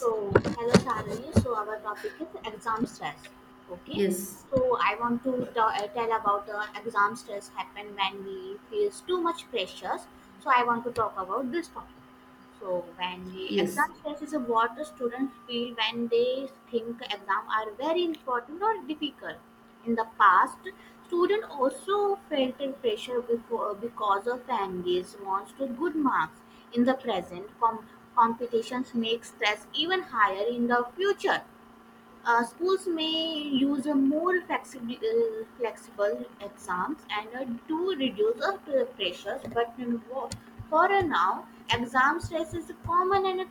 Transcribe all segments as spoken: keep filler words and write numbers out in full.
So, hello Sarani. So, our topic is exam stress. Okay. yes, So, I want to ta- uh, tell about the exam stress happen when we face too much pressures. So, I want to talk about this topic. So when we yes, exam stress is what the students feel when they think exam are very important or difficult. In the past, student also felt the pressure before because of families wants to good marks. In the present, com- competitions make stress even higher in the future. Uh, schools may use a more flexible, uh, flexible exams and uh, do reduce of the pressures, but um, wo- for now, exam stress is common and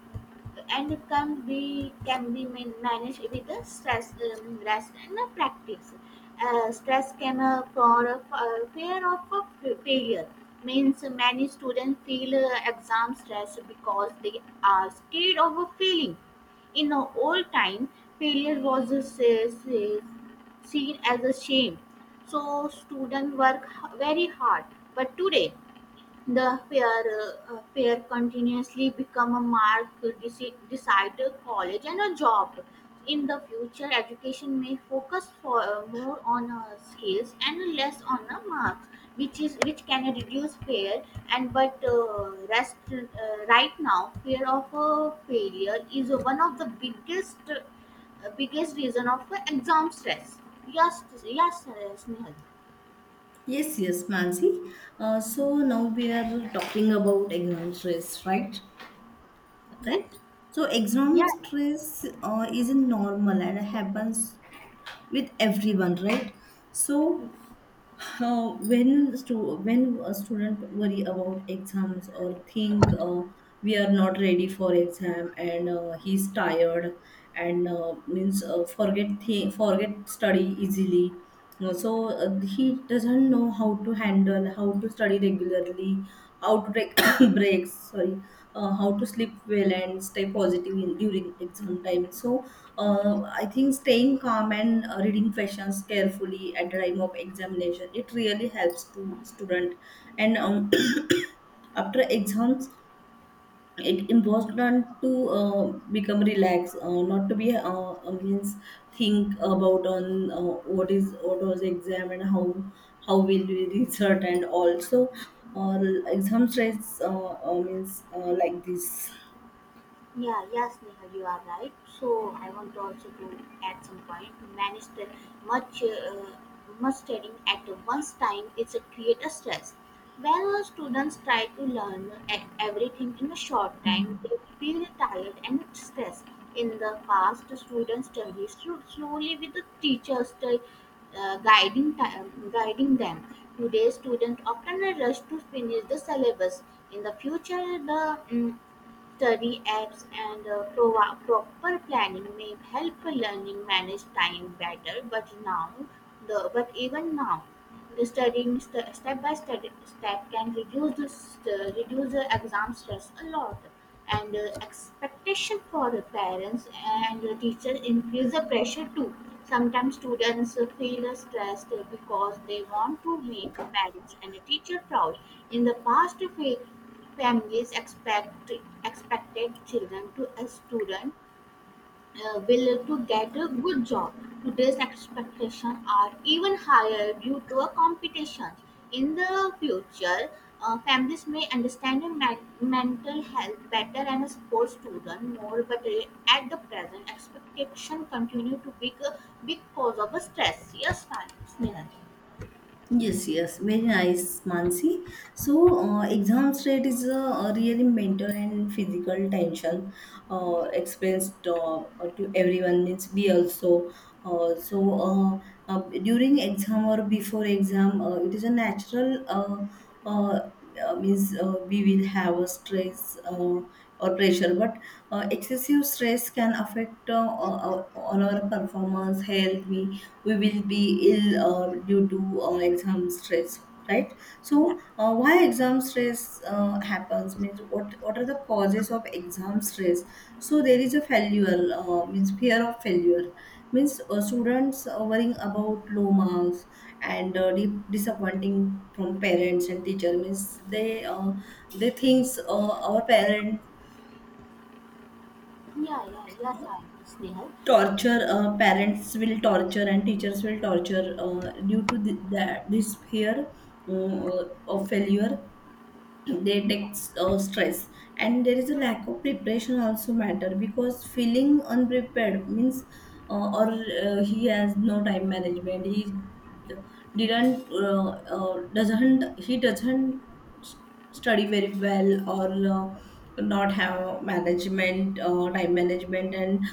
and it can be can be man- managed with the stress um, rest and the practice uh, stress can uh, for a for a fear of a f- failure means many students feel uh, exam stress because they are scared of a failing in the old time failure was uh, se- se- seen as a shame so students work h- very hard but today the pair fear continuously become a mark to deci- decide a college and a job. In the future, education may focus for uh, more on uh, skills and less on uh, marks, which is which can reduce fear. And but uh, rest uh, right now, fear of uh, failure is one of the biggest uh, biggest reason of uh, exam stress. Yes, yes, uh, Snehal. yes, yes, Mansi. Uh, so now we are talking about exam stress, right? Yeah, Right. So exam yeah. stress uh, isn't normal and happens with everyone, right? So How when stu- when a student worry about exams or think uh, we are not ready for exam and uh, he's tired and uh, means uh, forget thi- forget study easily. Uh, so uh, he doesn't know how to handle how to study regularly, how to take breaks, sorry, uh, how to sleep well and stay positive in, during exam time. So uh, I think staying calm and uh, reading questions carefully at the time of examination, it really helps to student. And um, after exams it involves not to uh, become relaxed, uh, not to be uh, uh, means think about on uh, what is what was the exam and how how will we result. And also uh, exam stress uh, uh, means uh, like this. Yeah, yes, Neha, you are right. So I want to also to at some point manage the much uh, much studying at once time is a create a stress. When students try to learn e- everything in a short time, they feel tired and stressed. In the past, the students study slo- slowly with the teachers the, uh, guiding time, guiding them. Today, students often rush to finish the syllabus. In the future, the mm, study apps and uh, prova- proper planning may help learning manage time better. But now, the but even now, studying st- step by step step can reduce the st- reduce the exam stress a lot, and uh, expectation for the parents and the teachers increase the pressure too. Sometimes students uh, feel stressed because they want to make parents and the teacher proud. In the past, fa- families expect expected children to a student uh, will to get a good job. Today's expectations are even higher due to a competition. In the future, uh, families may understand a men- mental health better and support students more, but uh, at the present, expectation continue to be a big cause of stress. Yes, Snehal. Yes, yes, very nice, Mansi. So uh, exam stress is a, a really mental and physical tension uh, experienced uh, uh, to everyone. Means we also, uh, so uh, uh, during exam or before exam, uh, it is a natural. Uh, uh, uh, means uh, We will have a stress uh, or pressure. But uh, excessive stress can affect uh, uh, on our performance, health. We we will be ill uh, due to uh, exam stress, right? Yeah, So uh, why exam stress uh, happens, means what what are the causes of exam stress? So there is a failure, uh, means fear of failure. Means uh, students uh, worrying about low marks and uh, di- disappointing from parents and teacher. Means they uh, they thinks uh, our parent yeah, yeah, yes, I Snehal. torture, uh, parents will torture and teachers will torture uh, due to th- that this fear uh, of failure, they take uh, stress. And there is a lack of preparation also matter, because feeling unprepared means uh, or uh, he has no time management. He didn't uh, uh, doesn't he doesn't s- study very well, or uh, not have management, uh, time management. And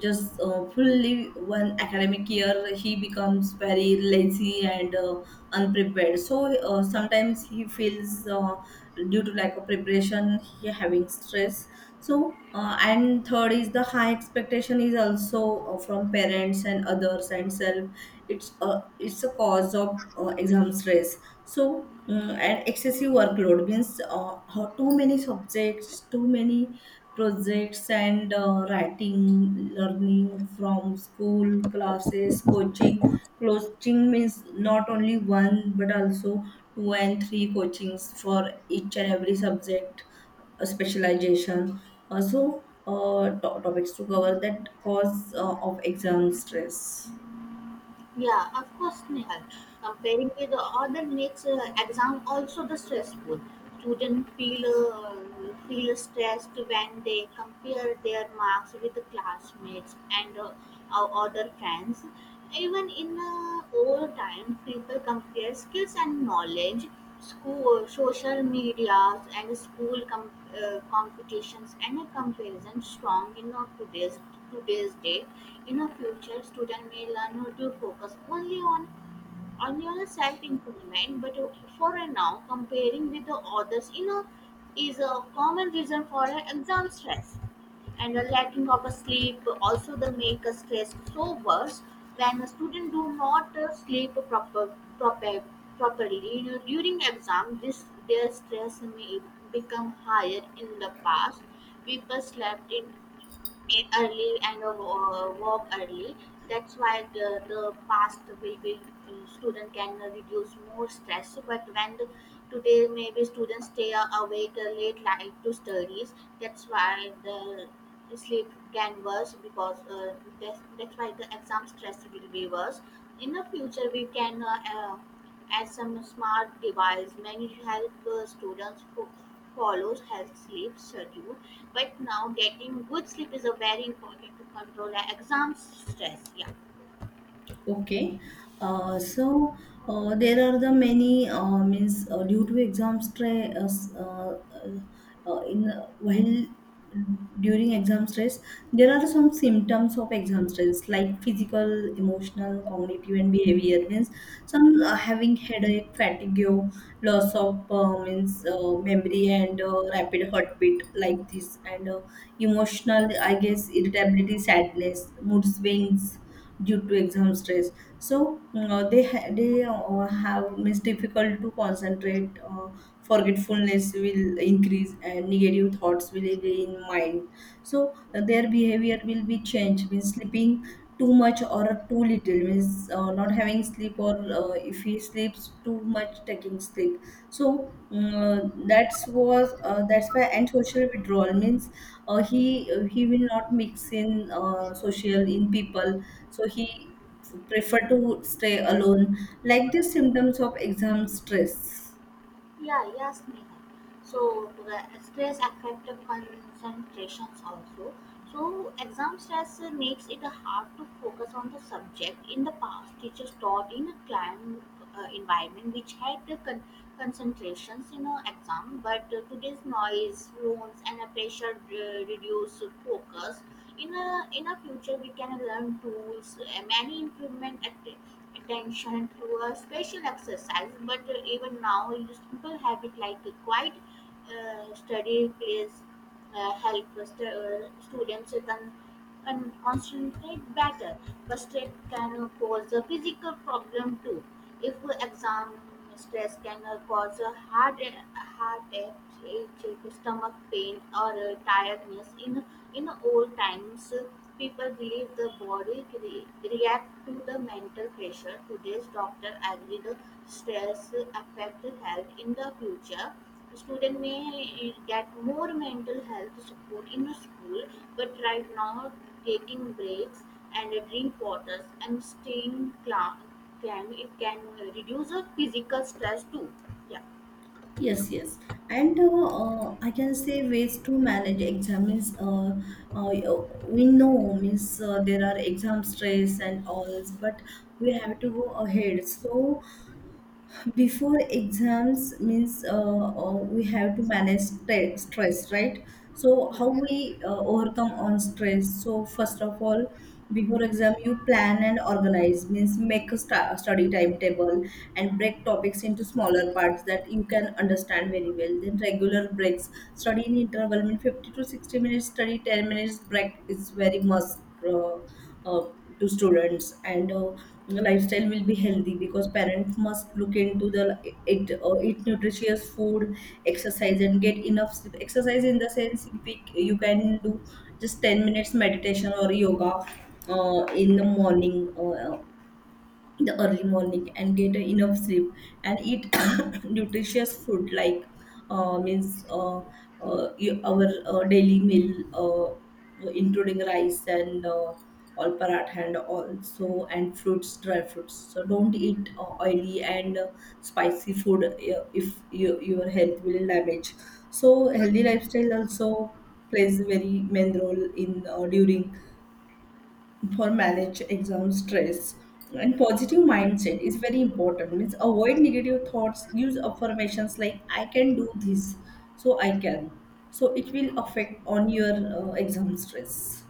just uh, fully one academic year he becomes very lazy and uh, unprepared. So uh, sometimes he feels uh, due to lack of preparation, he having stress. So uh, and third is the high expectation is also uh, from parents and others and self. It's uh, it's a cause of uh, exam stress. So mm, and excessive workload means uh, how- too many subjects, too many projects, and uh, writing, learning from school, classes, coaching. Coaching means not only one, but also two and three coachings for each and every subject, uh, specialization, also uh, to- topics to cover, that cause uh, of exam stress. Yeah, of course, Nehal. Comparing with other makes uh, exam also the stressful. Students feel uh, feel stressed when they compare their marks with the classmates and uh, our other friends. Even in uh, old time, people compare skills and knowledge school, social medias, and school com- uh, competitions and a comparison strong in our today's today's date. In a future, student may learn how to focus only on on your self improvement but uh, for a now comparing with the others you know is a common reason for a exam stress and the lacking of a sleep also the make a stress so worse when a student do not uh, sleep proper, proper properly you know during exam this their stress may become higher in the past people slept in eat early and uh, walk early. That's why the, the past will be uh, student can reduce more stress. But when the, today maybe students stay awake late night to studies, that's why the sleep can worse because uh, that's, that's why the exam stress will be worse. In the future, we can uh, uh, as some smart device many help uh, students who follows health sleep schedule but now getting good sleep is a very important to control the exam stress, yeah. Okay. Uh, so uh, there are the many, uh, means uh, due to exam stress, uh, s- uh, uh, in while during exam stress there are some symptoms of exam stress, like physical, emotional, cognitive and behavior. Means some uh, having headache, fatigue, loss of uh, means uh, memory, and uh, rapid heartbeat, like this. And uh, emotional, I guess irritability, sadness, mood swings due to exam stress. So uh, they ha- they uh, have, means difficult to concentrate, uh, forgetfulness will increase, and negative thoughts will be in mind. So uh, their behavior will be changed, means sleeping too much or too little, means uh, not having sleep, or uh, if he sleeps too much, taking sleep. So mm, that's was uh, that's why. And social withdrawal means uh, he uh, he will not mix in uh, social, in people. So he prefer to stay alone. Like the symptoms of exam stress. Yeah, yes, Neha. So uh, stress affect the concentrations also. So exam stress uh, makes it hard to focus on the subject. In the past, teachers taught in a client uh, environment which had the con- concentrations in an exam, but uh, today's noise, phones, and a pressure uh, reduce focus. In a in a future, we can learn tools, uh, many improvement act- attention through a special exercise. But uh, even now, a simple habit like a quiet uh, study place uh, help st- uh, students can and concentrate better, but stress can cause a physical problem too. If exam stress can uh, cause a heart heartache, headache, stomach pain, or uh, tiredness in in old times people believe the body cre- react to the mental pressure. Today's doctor agree the stress affect health. In the future, student may get more mental health support in the school, but right now taking breaks and drink waters and staying calm, can it can reduce the physical stress too. Yeah, Yes, yes. And uh, uh, I can say ways to manage exam, means uh, uh, we know, means uh, there are exam stress and all, but we have to go ahead. So before exams, means uh, uh, we have to manage stre- stress, right? So yeah. how we uh, overcome on stress. So first of all, before exam, you plan and organize, means make a sta- study timetable and break topics into smaller parts that you can understand very well. Then regular breaks, study in interval, mean fifty to sixty minutes study, ten minutes break is very must uh, uh, to students. And uh, lifestyle will be healthy, because parents must look into the it. Uh, eat nutritious food, exercise, and get enough sleep. Exercise in the sense, if we, you can do just ten minutes meditation or yoga uh, in the morning, uh, in the early morning, and get a enough sleep, and eat nutritious food like uh, means uh, uh, y- our uh, daily meal, uh, including rice and uh, all paratha, and also, and fruits, dry fruits. So don't eat uh, oily and uh, spicy food. Uh, if you, your health will damage. So healthy lifestyle also plays very main role in uh, during for manage exam stress. And positive mindset is very important, means avoid negative thoughts, use affirmations like I can do this. So I can so it will affect on your uh, exam stress.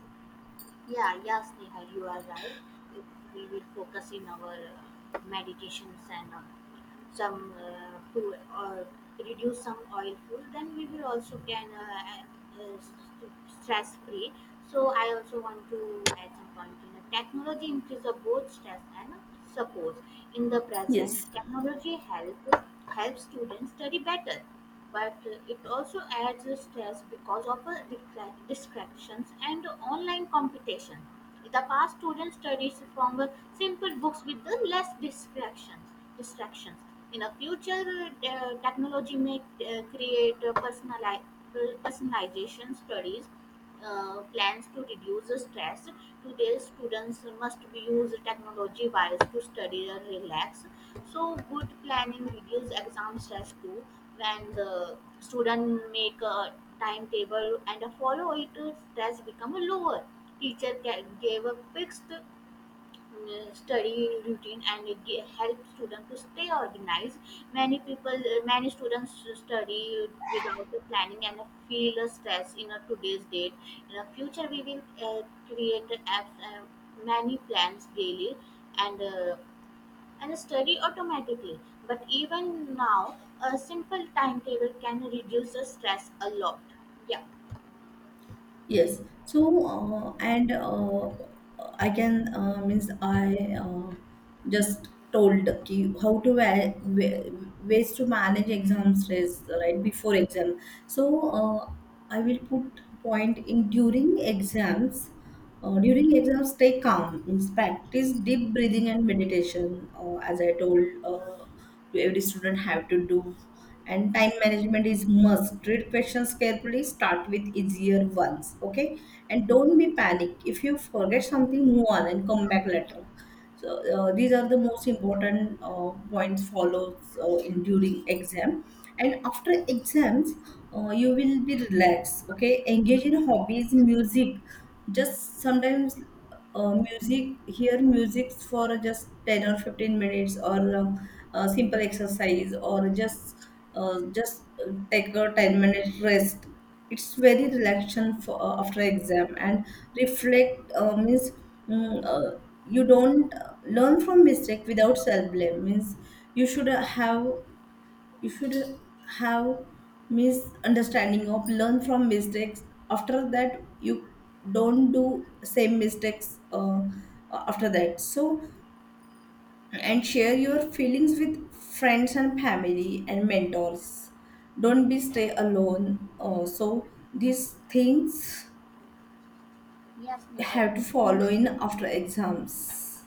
Yeah, yeah, Sneha, you are right. If we will focus in our uh, meditations and uh, some uh, food or reduce some oil food, then we will also can uh, uh, stress free. So I also want to add some point in the technology increase of both stress and support. In the present, Yes technology help helps students study better but uh, it also adds a stress because of uh, distra- distractions and online competition. In the past, students studied from uh, simple books with the less distractions. Distractions. In the future, uh, uh, technology may uh, create uh, personali- personalization studies uh, plans to reduce the stress. Today, students must use technology wise to study and relax. So good planning reduce exam stress too. When the student make a timetable and follow it, stress become lower. Teacher ca- gave a fixed mm, study routine and it ga- help student to stay organized. Many people, uh, many students study without the planning and feel a stress in a today's date. In the future, we will uh, create apps, uh, many plans daily and. Uh, and study automatically. But even now, a simple timetable can reduce the stress a lot. Yeah. Yes. So uh, and uh, I can uh, means I uh, just told ki how to wa- wa- ways to manage exam stress right before exam. So uh, I will put point in during exams. Uh, during exams, stay calm. Means practice deep breathing and meditation. Uh, as I told, uh, to every student have to do. And time management is must. Treat questions carefully. Start with easier ones. Okay, and don't be panic. If you forget something, move on and come back later. So uh, these are the most important uh, points follows uh, in during exam. And after exams, uh, you will be relaxed. Okay, engage in hobbies, music. Just sometimes uh, music hear music for just ten or fifteen minutes, or uh, uh, simple exercise, or just uh, just uh, take a ten minute rest. It's very relaxation for uh, after exam. And reflect, uh, means mm, uh, you don't uh, learn from mistake without self blame. Means you should have, you should have misunderstanding of learn from mistakes. After that, you don't do same mistakes uh, after that. So, and share your feelings with friends and family and mentors. Don't be stay alone. Uh, so these things Yes, Nehal, have to follow connections are in more after important. exams.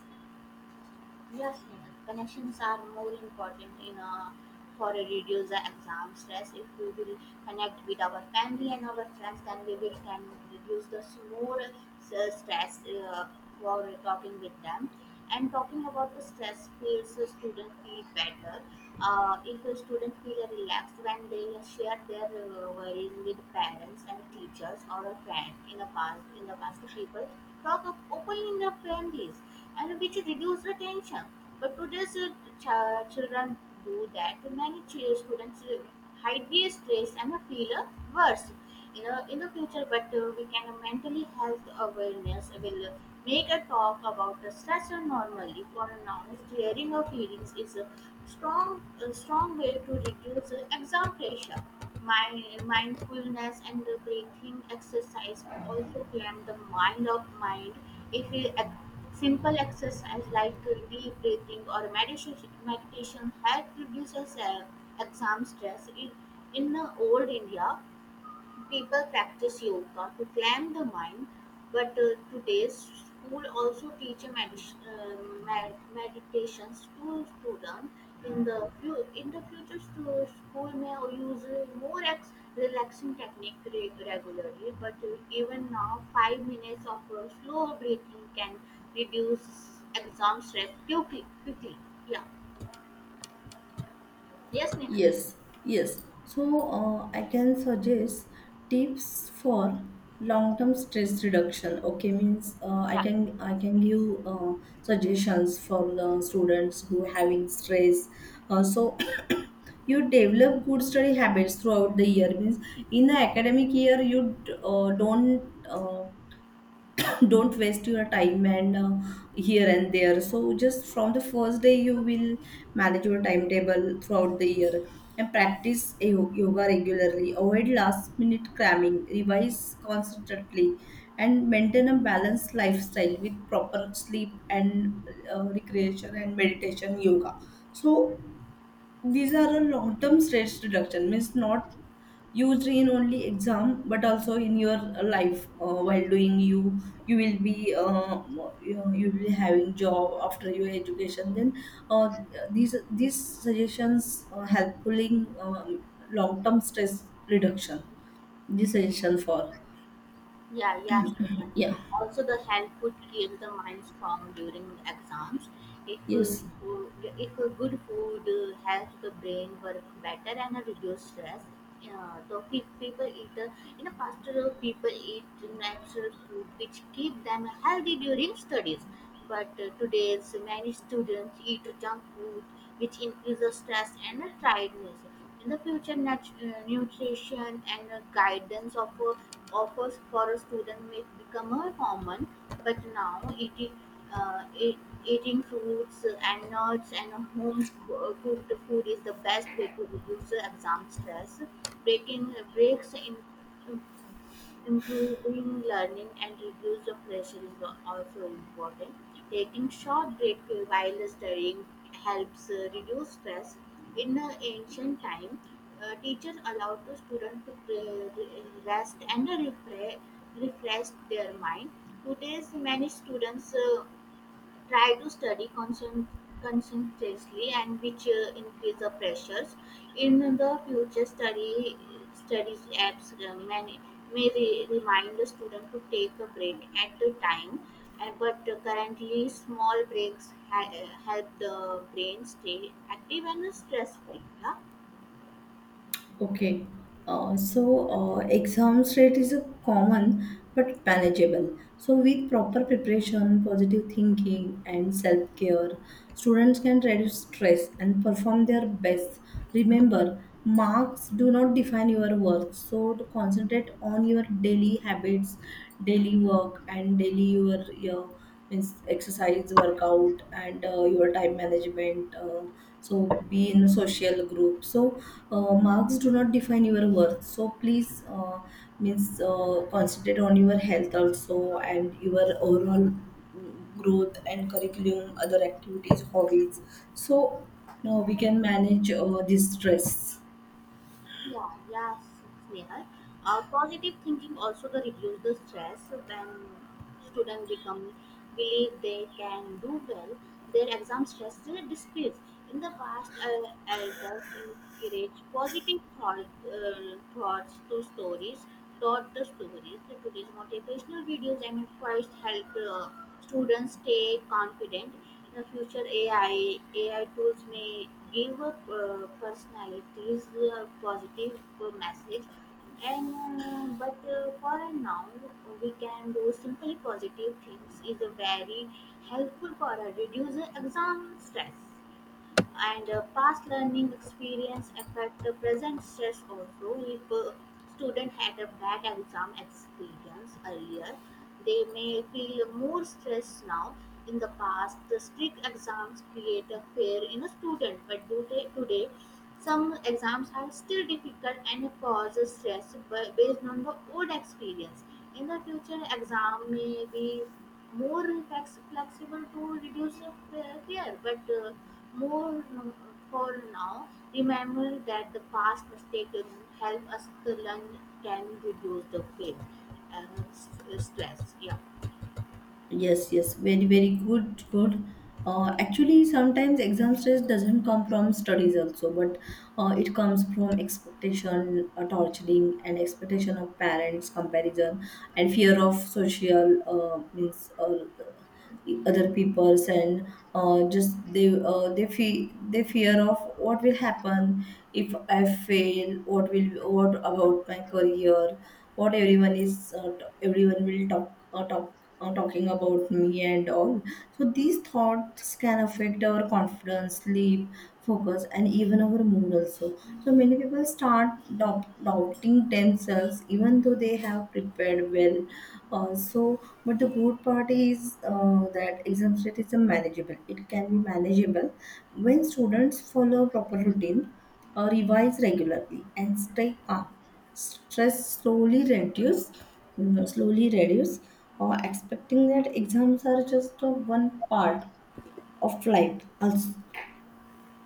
Yes, Nehal. Connections are more important in a, for a reduce the exam stress. If we will connect with our family and our friends, then we will can reduce the s- more uh, stress uh, for talking with them. And talking about the stress feels the student feel better. Uh, if a student feel relaxed when they share their uh, worries with parents and teachers or a friend in the past, in the past people talk up openly in their families and which reduce the tension. But today's uh, ch- children do that. Many ch- students uh, hide their stress and feel uh, worse you know in the future but uh, we can uh, mentally health awareness will uh, make a talk about the stress and normally for an honest clearing of feelings is a strong a strong way to reduce uh, exam pressure my mindfulness and the breathing exercise also calm the mind of mind if we ac- simple exercise like uh, deep breathing or meditation meditation help reduce uh, exam stress in, in uh, old india people practice yoga to calm the mind, but uh, today's school also teach a med- uh, med- meditations to students. In the few, in the future, stu- school may use uh, more ex- relaxing technique re- regularly. But uh, even now, five minutes of uh, slow breathing can reduce exam stress quickly. Quickly, yeah. Yes, Nina. Yes, yes. So uh, I can suggest tips for long-term stress reduction. Okay, means uh, I can I can give uh, suggestions for the students who having stress. Uh, so you develop good study habits throughout the year. Means in the academic year, you d- uh, don't. Uh, don't waste your time and uh, here and there. So just from the first day, you will manage your timetable throughout the year, and practice yo- yoga regularly, avoid last minute cramming, revise constantly, and maintain a balanced lifestyle with proper sleep, and uh, recreation, and meditation, yoga. So these are a long-term stress reduction, means not used in only exam, but also in your life. Uh, while doing, you you will be uh, you, know, you will be having job after your education. Then uh, these these suggestions are helpful in um, long-term stress reduction. These suggestions for, Yeah, yes, Neha. yeah, Also, the health food keeps the mind strong during exams. If uh, yes. fo- if uh, good food uh, helps the brain work better and uh, reduce stress. Uh, so pe- people eat uh, you know faster. uh, People eat natural food which keep them healthy during studies. But uh, today's many students eat junk food which increases stress and uh, tiredness. In the future, nat- uh, nutrition and uh, guidance offer, offers for a student may become more common, but now eating, uh, eat, eating fruits and nuts and home co- cooked food is the best way to reduce the exam stress. Breaking breaks in improving learning and reduce the pressure is also important. Taking short break while studying helps uh, reduce stress. In the ancient time, uh, teachers allowed the students to pre- rest and refresh, refresh their mind. Today, many students uh, try to study concern, consistently and which uh, increase the pressures in the future study studies apps uh, may, may re- remind the student to take a break at the time and but uh, currently small breaks ha- uh, help the brain stay active and stress free, yeah. Okay, uh, so uh, exams rate is a common but manageable. So with proper preparation, positive thinking, and self-care, students can reduce stress and perform their best. Remember, marks do not define your worth. So to concentrate on your daily habits, daily work, and daily your your means exercise, workout, and uh, your time management, uh, so be in a social group. So uh, marks do not define your worth. So please, uh, means uh, concentrate on your health also, and your overall mm, growth and curriculum, other activities, hobbies. So now we can manage uh, this stress. Yeah, yes, Sneha. Uh, positive thinking also the reduce the stress when students become believe they can do well. Their exam stress they decrease. In the past, uh, elders encourage positive thought, uh, thoughts to stories, taught the stories. So today's motivational videos and quotes help uh, students stay confident the future, A I A I tools may give uh, personalities a positive uh, message, and uh, but uh, for now we can do simple positive things is very helpful for uh, reduce exam stress and uh, past learning experience affect the present stress also. If a student had a bad exam experience earlier, they may feel more stress now. In the past, the strict exams create a fear in a student, but due to today some exams are still difficult and it causes stress bu- based on the old experience. In the future exam may be more flex- flexible to reduce the fe- fear, but uh, more for now, remember that the past mistakes help us to learn can reduce the pain and s- stress. Yeah, Yes, yes, very, very good, good. Uh, actually, sometimes exam stress doesn't come from studies also, but uh, it comes from expectation, uh, torturing, and expectation of parents, comparison, and fear of social, uh, means. Uh, other peoples and uh, just they uh, they feel they fear of what will happen if I fail. What will, what about my career, what everyone is uh, t- everyone will talk uh, talk uh, talking about me and all. So these thoughts can affect our confidence, sleep, focus, and even our mood also. So many people start doubting themselves even though they have prepared well. uh, so but the good part is uh, that exam set is a manageable, it can be manageable when students follow proper routine, uh, revise regularly and stay calm. Stress slowly reduce, mm, slowly reduce, or expecting that exams are just uh, one part of life also.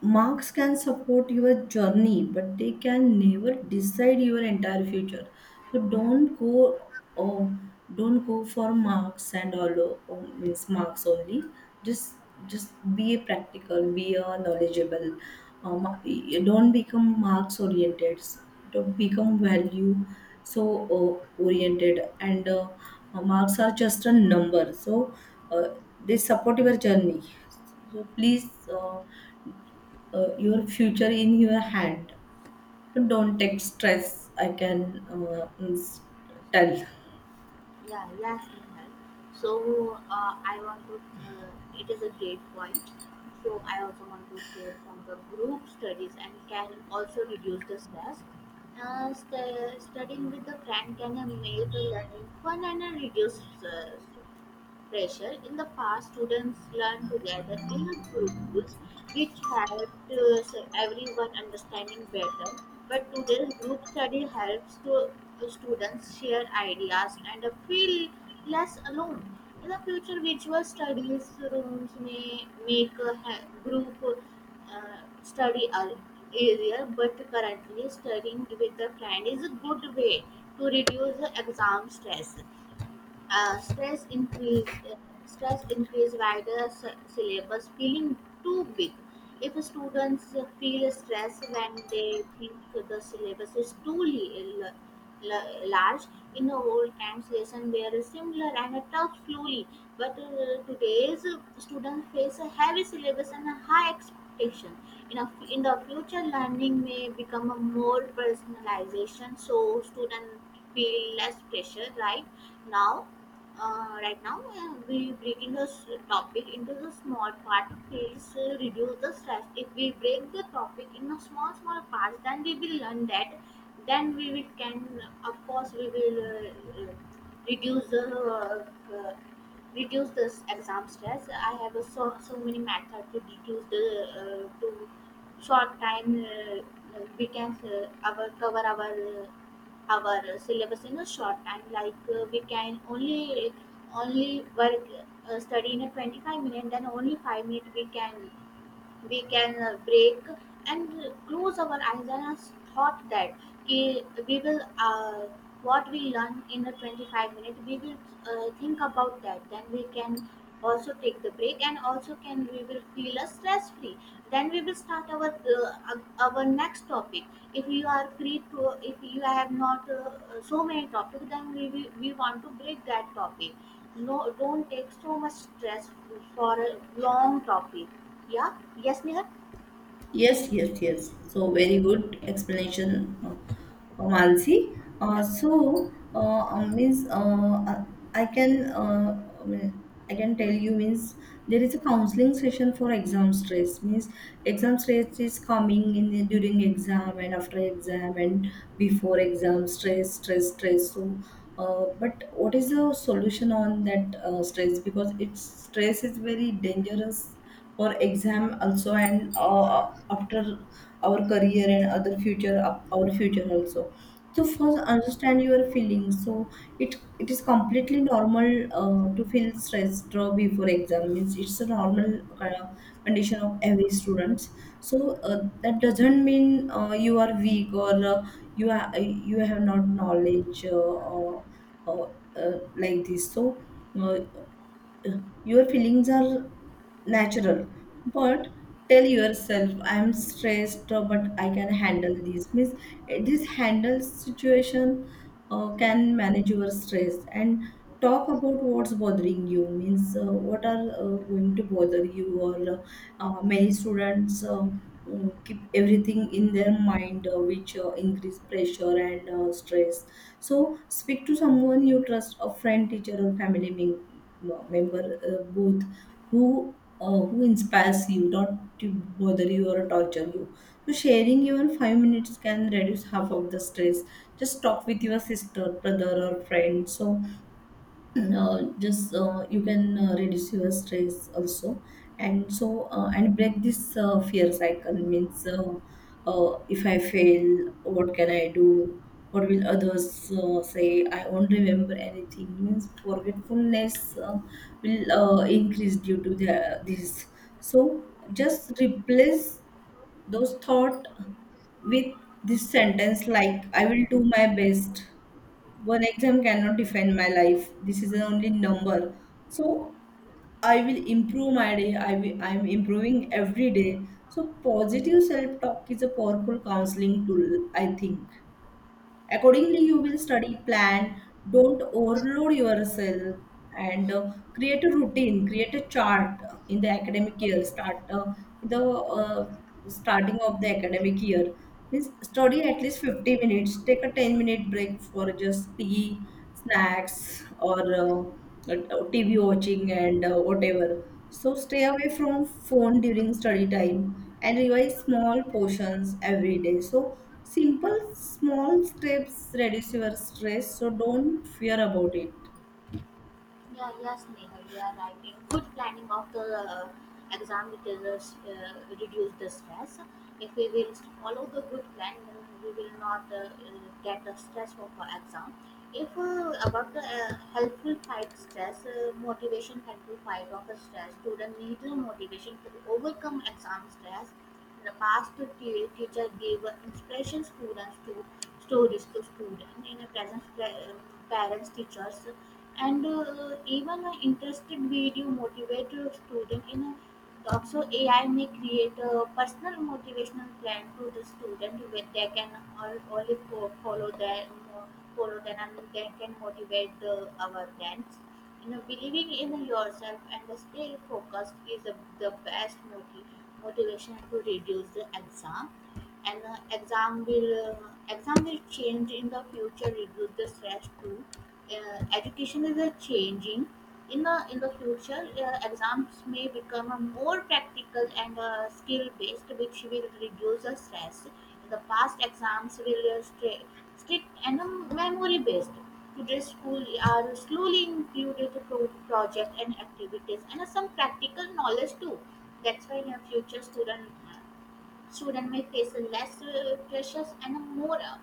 Marks can support your journey, but they can never decide your entire future. So don't go, oh, don't go for marks and all. Oh, means marks only, just just be a practical, be a knowledgeable. um, don't become marks oriented, don't become value. So uh, oriented, and uh, marks are just a number. So uh, they support your journey. So please, uh, uh, your future in your hand. Don't take stress. I can uh, s- tell. yeah, yes, Nihal. So uh, I want to. Uh, it is a great point. So I also want to hear from the group studies and can also reduce the stress. Uh, st- studying with the friend can uh, make the learning fun and uh, reduce uh, pressure. In the past, students learned together in a groups, which helped uh, so everyone understanding better. But today, group study helps to uh, students share ideas and uh, feel less alone. In the future, virtual studies rooms may make a ha- group uh, study a- easier, but currently, studying with a friend is a good way to reduce the exam stress uh, stress increase uh, stress increase wider sy- syllabus feeling too big. If students feel stress when they think the syllabus is too li- l- l- large. In old times lesson were similar and tough slowly, but uh, today's students face a heavy syllabus and a high expectation. In, a, in the future, learning may become a more personalization so students feel less pressure. right now uh, right now, uh, we breaking the s- topic into the small part of fields uh, reduce the stress. If we break the topic in a small small parts, then we will learn that, then we will can, of course we will uh, uh, reduce the uh, uh, reduce this exam stress. I have a so, so many method to reduce the, uh, to short time, uh, uh, we can uh, our, cover our uh, our uh, syllabus in a short time. Like uh, we can only only work, uh, study in a twenty-five minute, then only five minute we can, we can uh, break and close our eyes and us thought that ki- we will uh, what we learn in a twenty-five minute we will uh, think about that, then we can also take the break, and also can we will feel a stress free, then we will start our uh, our next topic. If you are free to, if you have not uh, so many topics, then we, we we want to break that topic. No, don't take so much stress for a long topic. Yeah? Yes, Nihar? Yes, yes, yes. So very good explanation, uh, Malsi. Uh, Yeah. so uh, uh, means uh, uh, I can, uh, I mean, I can tell you means there is a counseling session for exam stress. Means exam stress is coming in the, during exam and after exam and before exam, stress stress stress. So uh, but what is the solution on that uh, stress, because it's stress is very dangerous for exam also, and uh, after our career and other future, our future also. So first understand your feelings. So it it is completely normal uh, to feel stressed uh, before exam. Means it's a normal kind of condition of every students. So uh, that doesn't mean uh, you are weak or uh, you are, you have not knowledge, uh, or, or uh, like this. So uh, your feelings are natural, but tell yourself I'm stressed, uh, but I can handle this. Means uh, this handle situation uh, can manage your stress. And talk about what's bothering you. Means uh, what are uh, going to bother you, or uh, uh, many students uh, mm, keep everything in their mind, uh, which uh, increase pressure and uh, stress. So speak to someone you trust, a friend, teacher, or family mem- member, uh, both who uh, who inspires you, not to bother you or torture you. So sharing even five minutes can reduce half of the stress. Just talk with your sister, brother, or friend. So uh, just uh, you can uh, reduce your stress also. And so uh, and break this uh, fear cycle. Means uh, uh, if I fail, what can I do, what will others uh, say, I won't remember anything. Means forgetfulness uh, will uh, increase due to the, this. So just replace those thought with this sentence like, I will do my best, one exam cannot define my life, this is the only number. So I will improve my day, i will, I'm improving every day. So positive self talk is a powerful counseling tool, I think. Accordingly, you will study, plan, don't overload yourself, and uh, create a routine, create a chart uh, in the academic year, start uh, in the uh, starting of the academic year. Means study at least fifty minutes, take a ten minute break for just tea, snacks, or uh, uh, T V watching and uh, whatever. So stay away from phone during study time and revise small portions every day. So simple small steps reduce your stress, so don't fear about it. Yeah, yes, Neha, you are right. A good planning of the uh, exam it will uh, s- uh, reduce the stress. If we will follow the good plan, then we will not uh, uh, get the stress of our exam. If uh, about the uh, helpful fight stress, uh, motivation helpful fight of the stress, student need the motivation to overcome exam stress. In the past, t- teacher gave uh, inspiration students to stories to students. In the present, pa- uh, parents, teachers and uh, even an interested video motivate your student in a, also A I may create a personal motivational plan to the student where they can all only fo- follow their follow them and they can motivate the our friends, you know, believing in yourself and stay focused is the the best motiv- motivation to reduce the exam and uh, exam will uh, exam will change in the future reduce the stress too. Uh, education is uh, changing in the in the future. Uh, exams may become uh, more practical and uh, skill based which will reduce the stress. In the past exams will uh, stri- strict and um, memory based. Today's school are slowly included pro- project and activities and uh, some practical knowledge too. That's why in the future student uh, students may face less uh, pressures and a more uh,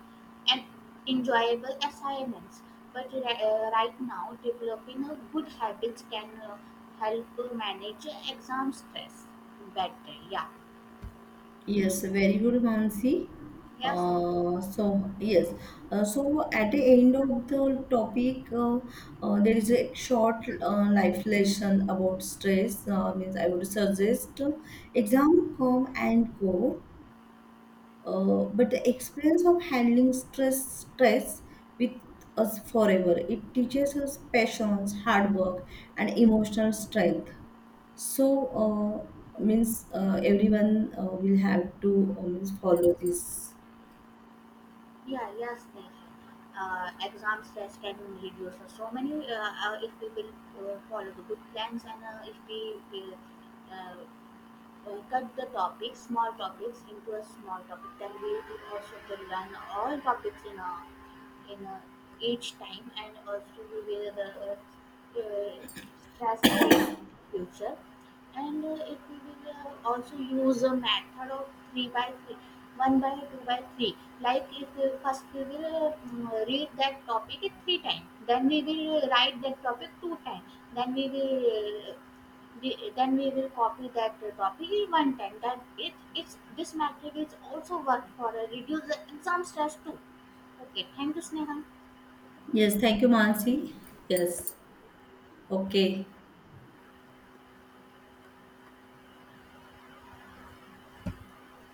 and enjoyable assignments. But ri- uh, right now, developing a good habits can uh, help uh, manage exam stress better. Yeah, Yes, very good, Mansi. yes, Uh, so yes, uh, so at the end of the topic, uh, uh, there is a short uh, life lesson about stress. Uh, means I would suggest uh, exam come and go, Uh, but the experience of handling stress stress with us forever. It teaches us patience, hard work, and emotional strength. So uh, means uh, everyone uh, will have to uh, means follow this. yeah, yes, Neha. Uh, exam stress can reduce so many uh, uh, if we will uh, follow the good plans, and uh, if we will uh, uh, cut the topic, small topics into a small topic. Then we will also will learn all topics in a, in a, each time, and also we will uh, uh, stress free future. And uh, it we will uh, also use a method of three by three. one by two by three, like if uh, first we will uh, mm, read that topic at three times, then we will write that topic two times, then we will uh, the, then we will copy that topic one time. That it it's this matrix is also work for a reduce in some stress too. Okay, thank you, Sneha. Yes, thank you, Mansi. Yes, okay.